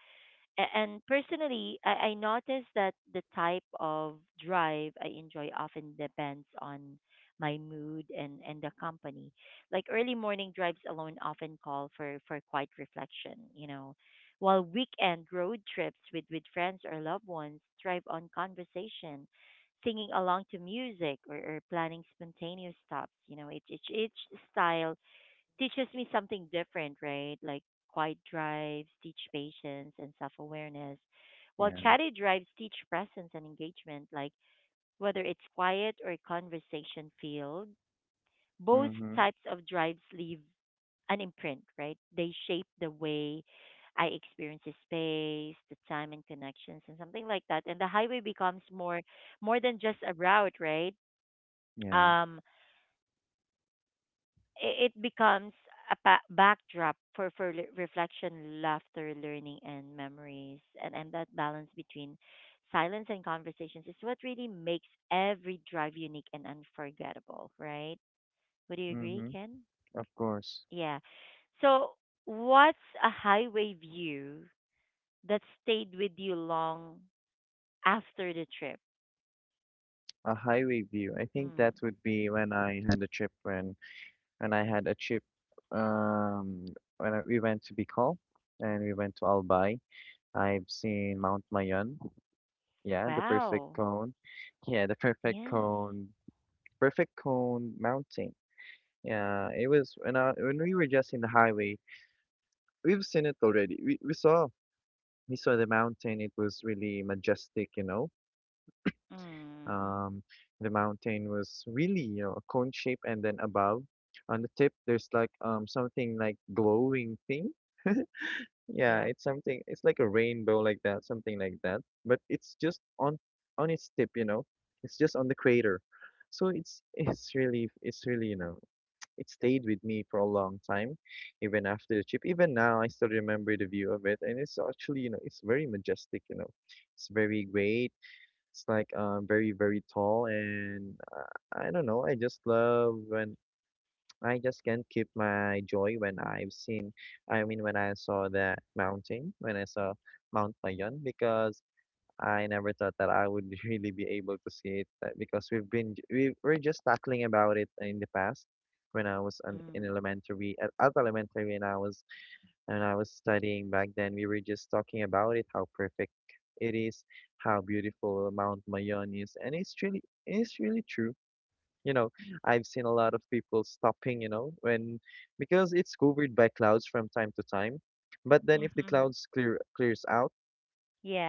A: And personally, I noticed that the type of drive I enjoy often depends on my mood and, the company. Like, early morning drives alone often call for, quiet reflection, you know, while weekend road trips with friends or loved ones thrive on conversation, singing along to music, or planning spontaneous stops. You know, each style teaches me something different, right? Like, quiet drives teach patience and self awareness, while
B: yeah.
A: chatty drives teach presence and engagement. Like, whether it's quiet or conversation filled, both
B: Mm-hmm.
A: types of drives leave an imprint, right? They shape the way I experience the space, the time, and connections, and something like that. And the highway becomes more than just a route, right?
B: Yeah.
A: Um, it becomes a backdrop for reflection, laughter, learning, and memories, and that balance between silence and conversations is what really makes every drive unique and unforgettable, right? Would you agree,
B: Mm-hmm.
A: Ken?
B: Of course.
A: Yeah. So, what's a highway view that stayed with you long after the trip?
B: A highway view. I think
A: Mm.
B: that would be when I had a trip when and I had a trip um when we went to Bicol, and we went to Albay. I've seen Mount Mayon. Yeah, the perfect
A: Wow.
B: cone. Yeah, the
A: Yes.
B: perfect cone mountain. Yeah, it was when when we were just in the highway. We've seen it already. We saw the mountain. It was really majestic, you know.
A: Mhm.
B: Um, the mountain was really, you know, a cone shape, and then above, on the tip, there's like something like glowing thing. Yeah,
A: Yep.
B: it's something. It's like a rainbow, like that, something like that. But it's just on its tip, you know. It's just on the crater. So it's really you know it stayed with me for a long time, even after the trip. Even now, I still remember the view of it, and it's actually you know it's very majestic, you know. It's very great. It's like very, very tall, and I don't know. I just love when I just can't keep my joy when I've seen, I mean, when I saw that mountain, when I saw Mount Mayon, because I never thought that I would really be able to see it. We were just tackling about it in the past, when I was in
A: Mm.
B: elementary, at elementary, and I was studying back then. We were just talking about it, how perfect it is, how beautiful Mount Mayon is, and it's really true, you know. I've seen a lot of people stopping, you know, when because it's covered by clouds from time to time. But then if the
A: Mhm.
B: clouds clear clears out,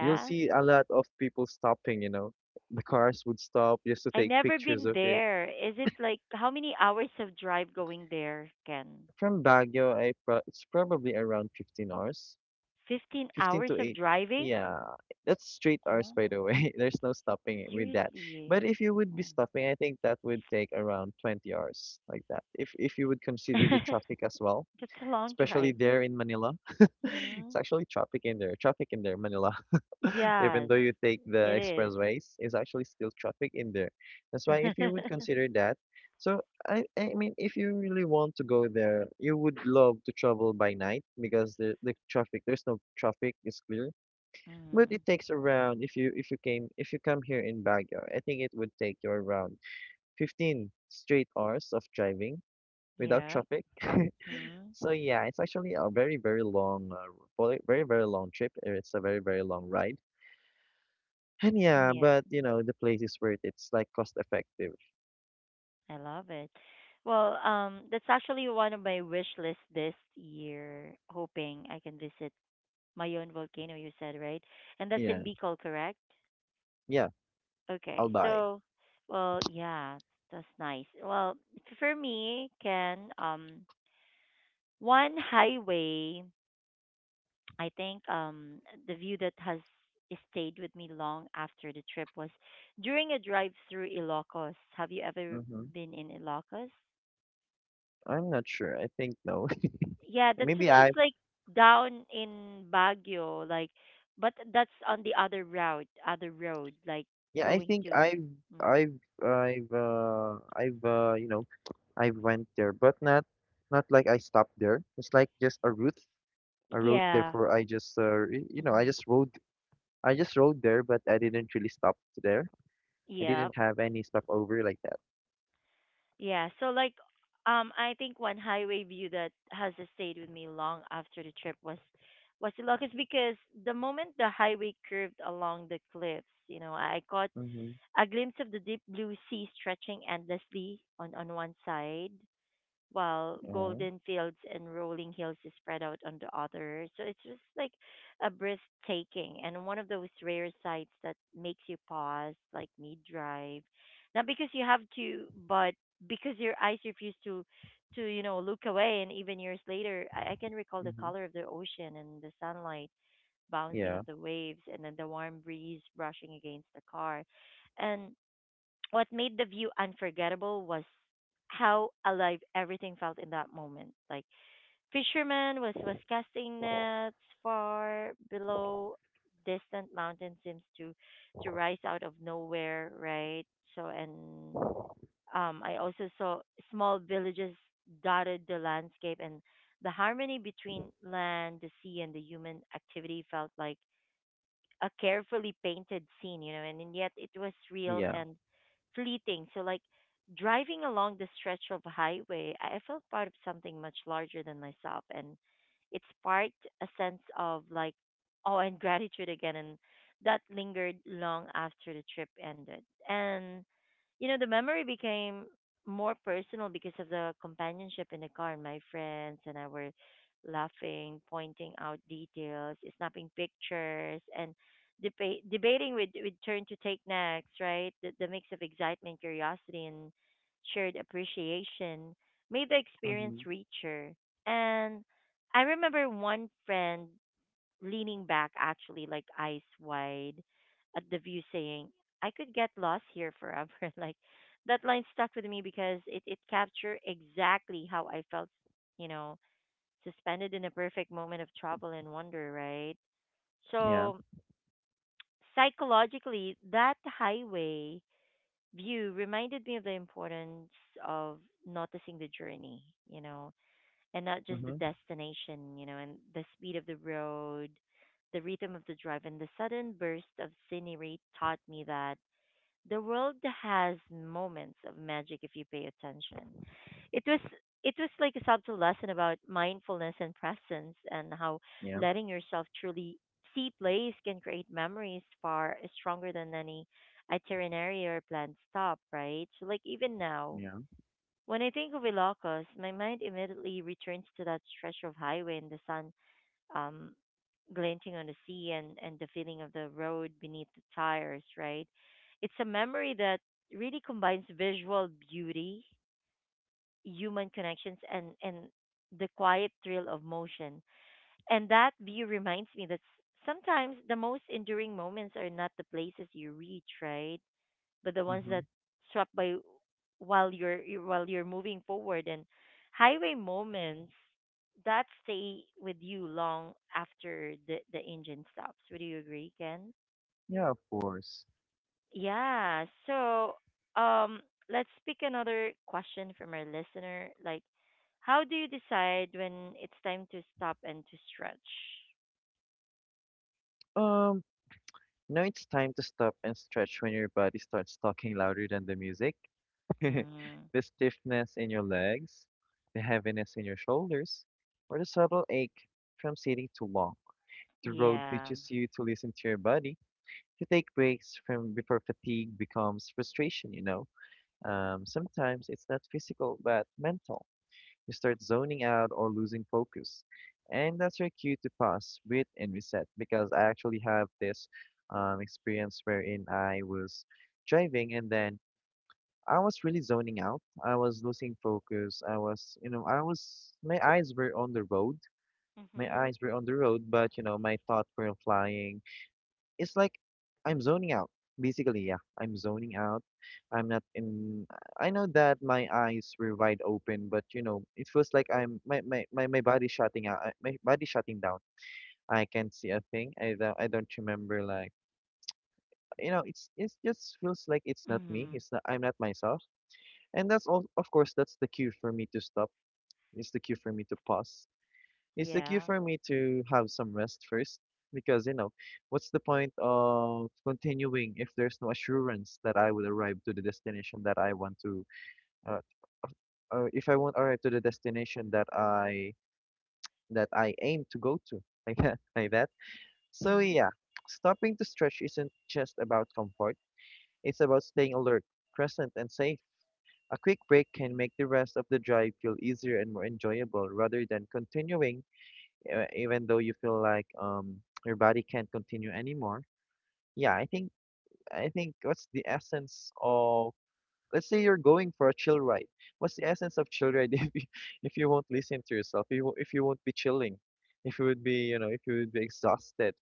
B: you'll see a lot of people stopping, you know. The cars would stop just to
A: I
B: take
A: never
B: pictures
A: been
B: of it.
A: there. Is it like how many hours of drive going there, Ken?
B: From Baguio, I pro it's probably around 15 hours.
A: 15
B: 15
A: hours
B: to
A: of
B: 8.
A: driving?
B: Yeah, that's straight hours, by the
A: Oh,
B: way. There's no stopping it with that.
A: seriously.
B: But if you would be
A: Oh.
B: stopping, I think that would take around 20 hours like that. If you would consider the traffic as well,
A: That's a long
B: especially
A: drive.
B: there in Manila.
A: Hmm.
B: It's actually traffic in there, Manila. Even
A: Yes,
B: though you take
A: it
B: the
A: is.
B: expressways, it's actually still traffic in there. That's why if you would consider that, so I mean if you really want to go there, you would love to travel by night because there's no traffic, it's clear. But
A: Mm.
B: it takes around if you came if you come here in Baguio, I think it would take you around 15 straight hours of driving without
A: Yeah.
B: traffic.
A: Mm.
B: So yeah, it's actually a very, very long, very, very long trip. And it's a very, very long ride. And yeah,
A: Yeah,
B: but you know, the place is worth it. It's like cost effective.
A: I love it. Well, that's actually one of my wish lists this year, hoping I can visit Mayon volcano, you said, right? And that's in
B: Yeah,
A: Bicol, correct?
B: yeah, I'll
A: Okay.
B: buy.
A: So, well, yeah, that's nice. Well, for me, Ken, one highway, I think, the view that has stayed with me long after the trip was during a drive through Ilocos. Have you ever
B: Mm-hmm.
A: been in Ilocos?
B: I'm not sure. I think no.
A: Yeah, that's
B: Maybe
A: just,
B: I,
A: just like down in Baguio, like, but that's on the other route, other road, like
B: yeah, I
A: going
B: think
A: to. Mm.
B: I've, you know, I've went there, but not, not like I stopped there. It's like just a route, a route.
A: Yeah.
B: Therefore, I just, you know,
A: Hmm.
B: I just rode there, but I didn't really stop there. I didn't
A: Yep.
B: have any stopover like that.
A: Yeah. So like, I think one highway view that has stayed with me long after the trip was the Ilocos because the moment the highway curved along the cliffs, you know, I caught
B: Mm-hmm.
A: a glimpse of the deep blue sea stretching endlessly on one side, while
B: Yeah.
A: golden fields and rolling hills is spread out on the other. So it's just like a breathtaking and one of those rare sights that makes you pause, like mid drive. Not because you have to, but because your eyes refuse to look away. And even years later I can recall the
B: Mm-hmm.
A: color of the ocean and the sunlight bouncing
B: Yeah.
A: of the waves and then the warm breeze brushing against the car. And what made the view unforgettable was how alive everything felt in that moment. Like fishermen was casting nets far below, distant mountain seems to rise out of nowhere, right? So and I also saw small villages dotted the landscape, and the harmony between land, the sea and the human activity felt like a carefully painted scene, and yet it was real
B: Yeah.
A: and fleeting. So, like, driving along the stretch of highway, I felt part of something much larger than myself. And it sparked a sense of, like, awe and gratitude again. And that lingered long after the trip ended. And, the memory became more personal because of the companionship in the car, and my friends and I were laughing, pointing out details, snapping pictures, and debating with turn to take next, right? The mix of excitement, curiosity, and shared appreciation made the experience
B: Mm-hmm.
A: richer. And I remember one friend leaning back, actually, like eyes wide at the view, saying, "I could get lost here forever." Like that line stuck with me because it captured exactly how I felt, you know, suspended in a perfect moment of trouble and wonder, right?
B: Yeah.
A: So psychologically, that highway view reminded me of the importance of noticing the journey, you know, and not just the
B: Mm-hmm.
A: destination, and the speed of the road, the rhythm of the drive, and the sudden burst of scenery taught me that the world has moments of magic if you pay attention. It was it was like a subtle lesson about mindfulness and presence, and how
B: Yeah.
A: letting yourself truly see place can create memories far stronger than any itinerary or planned stop, right? So like even now,
B: Yeah.
A: when I think of Ilocos, my mind immediately returns to that stretch of highway and the sun um glinting on the sea, and the feeling of the road beneath the tires, right? It's a memory that really combines visual beauty, human connections, and the quiet thrill of motion. And that view reminds me that sometimes the most enduring moments are not the places you reach, right? But the ones
B: Mm-hmm.
A: that struck by while while you're moving forward, and highway moments that stay with you long after the engine stops. Would you agree, Ken?
B: Yeah, of course.
A: Yeah. So, um, let's pick another question from our listener. Like, how do you decide when it's time to stop and to stretch?
B: Um, now it's time to stop and stretch when your body starts talking louder than the music.
A: Mm-hmm.
B: The stiffness in your legs, the heaviness in your shoulders, or the subtle ache from sitting too long. The road
A: Yeah.
B: teaches you to listen to your body, to take breaks from before fatigue becomes frustration, you know? Sometimes it's not physical but mental. You start zoning out or losing focus. And that's your cue to pause, breathe, and reset. Because I actually have this experience wherein I was driving, and then I was really zoning out. I was losing focus. You know, I was, my eyes were on the road. My
A: Mm-hmm.
B: eyes were on the road, but, you know, my thoughts were flying, it's like I'm zoning out. Basically, yeah, I'm zoning out. I'm not in. I know that my eyes were wide open, but you know, it feels like I'm my my my, my body shutting out. My body shutting down. I can't see a thing. I don't remember like you know. It's just feels like it's not me.
A: Mm-hmm.
B: It's not. I'm not myself. And that's all. Of course, that's the cue for me to stop. It's the cue for me to pause. It's the cue
A: Yeah.
B: for me to have some rest first, because, you know, what's the point of continuing if there's no assurance that I will arrive to the destination that I want to, uh, or if I won't arrive to the destination that I aim to go to, like that, like that. So
A: Mm-hmm.
B: yeah, stopping to stretch isn't just about comfort. It's about staying alert, present, and safe. A quick break can make the rest of the drive feel easier and more enjoyable, rather than continuing even though you feel like your body can't continue anymore. Yeah, I think what's the essence of, let's say you're going for a chill ride. What's the essence of chill ride if if you won't listen to yourself, if you if you won't be chilling, if you would be you know if you would be exhausted.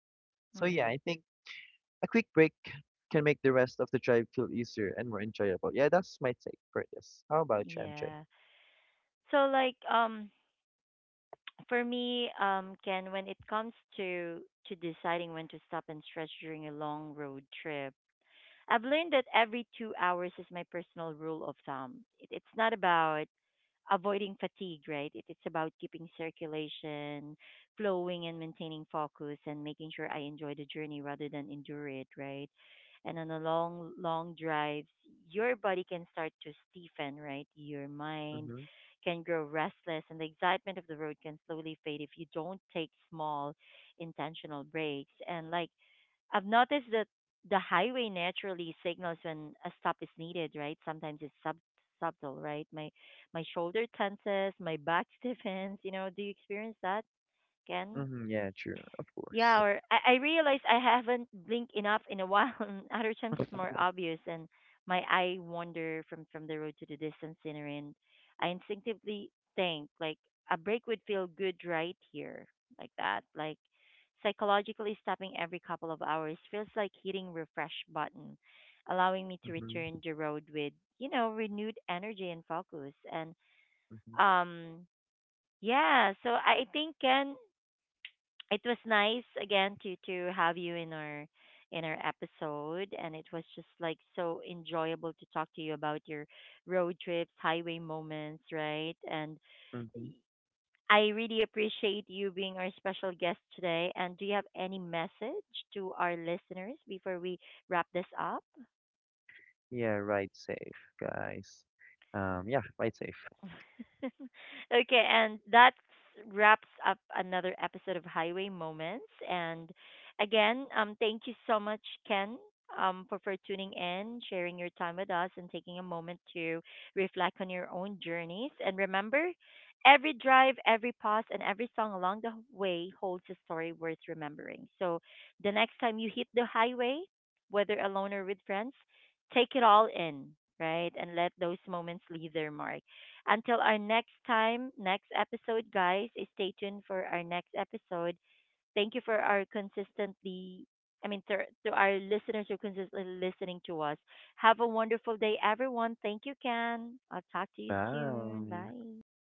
B: So yeah,
A: Mm-hmm.
B: I think a quick break can make the rest of the drive feel easier and more enjoyable. Yeah, that's my take for this. How about you, MJ?
A: Yeah. So like for me Ken, when it comes to deciding when to stop and stretch during a long road trip, I've learned that every 2 hours is my personal rule of thumb. It's not about avoiding fatigue, right? It's about keeping circulation flowing and maintaining focus and making sure I enjoy the journey rather than endure it, right? And on a long drives, your body can start to stiffen, right? Your mind
B: Mhm.
A: can grow restless, and the excitement of the road can slowly fade if you don't take small, intentional breaks. And like I've noticed that the highway naturally signals when a stop is needed, right? Sometimes it's subtle, right? My shoulder tenses, my back stiffens. You know, do you experience that, Ken?
B: Mhm. Yeah, true. Of
A: Yeah,
B: course.
A: or I realize I haven't blinked enough in a while. And other times it's more obvious, and my eye wander from the road to the distant scenery, and I instinctively think like a break would feel good right here, like that. Like psychologically, stopping every couple of hours feels like hitting refresh button, allowing me to
B: Mhm.
A: return the road with you know renewed energy and focus. And
B: Mhm.
A: um, yeah, so I think Ken, it was nice again to have you in our episode, and it was just like so enjoyable to talk to you about your road trips highway moments, right? And y-
B: Mhm.
A: I really appreciate you being our special guest today. And do you have any message to our listeners before we wrap this up?
B: Yeah, ride safe, guys. Yeah, ride safe.
A: Okay, and that wraps up another episode of Highway Moments. And again, thank you so much, Ken, for tuning in, sharing your time with us, and taking a moment to reflect on your own journeys. And remember, every drive, every pause, and every song along the way holds a story worth remembering. So the next time you hit the highway, whether alone or with friends, take it all in, right? And let those moments leave their mark. Until our next time, next episode, guys, eh, stay tuned for our next episode. Thank you for our consistently, I mean, to our listeners who consistently listening to us. Have a wonderful day, everyone. Thank you, Ken. I'll talk to you soon.
B: Bye.
A: Bye.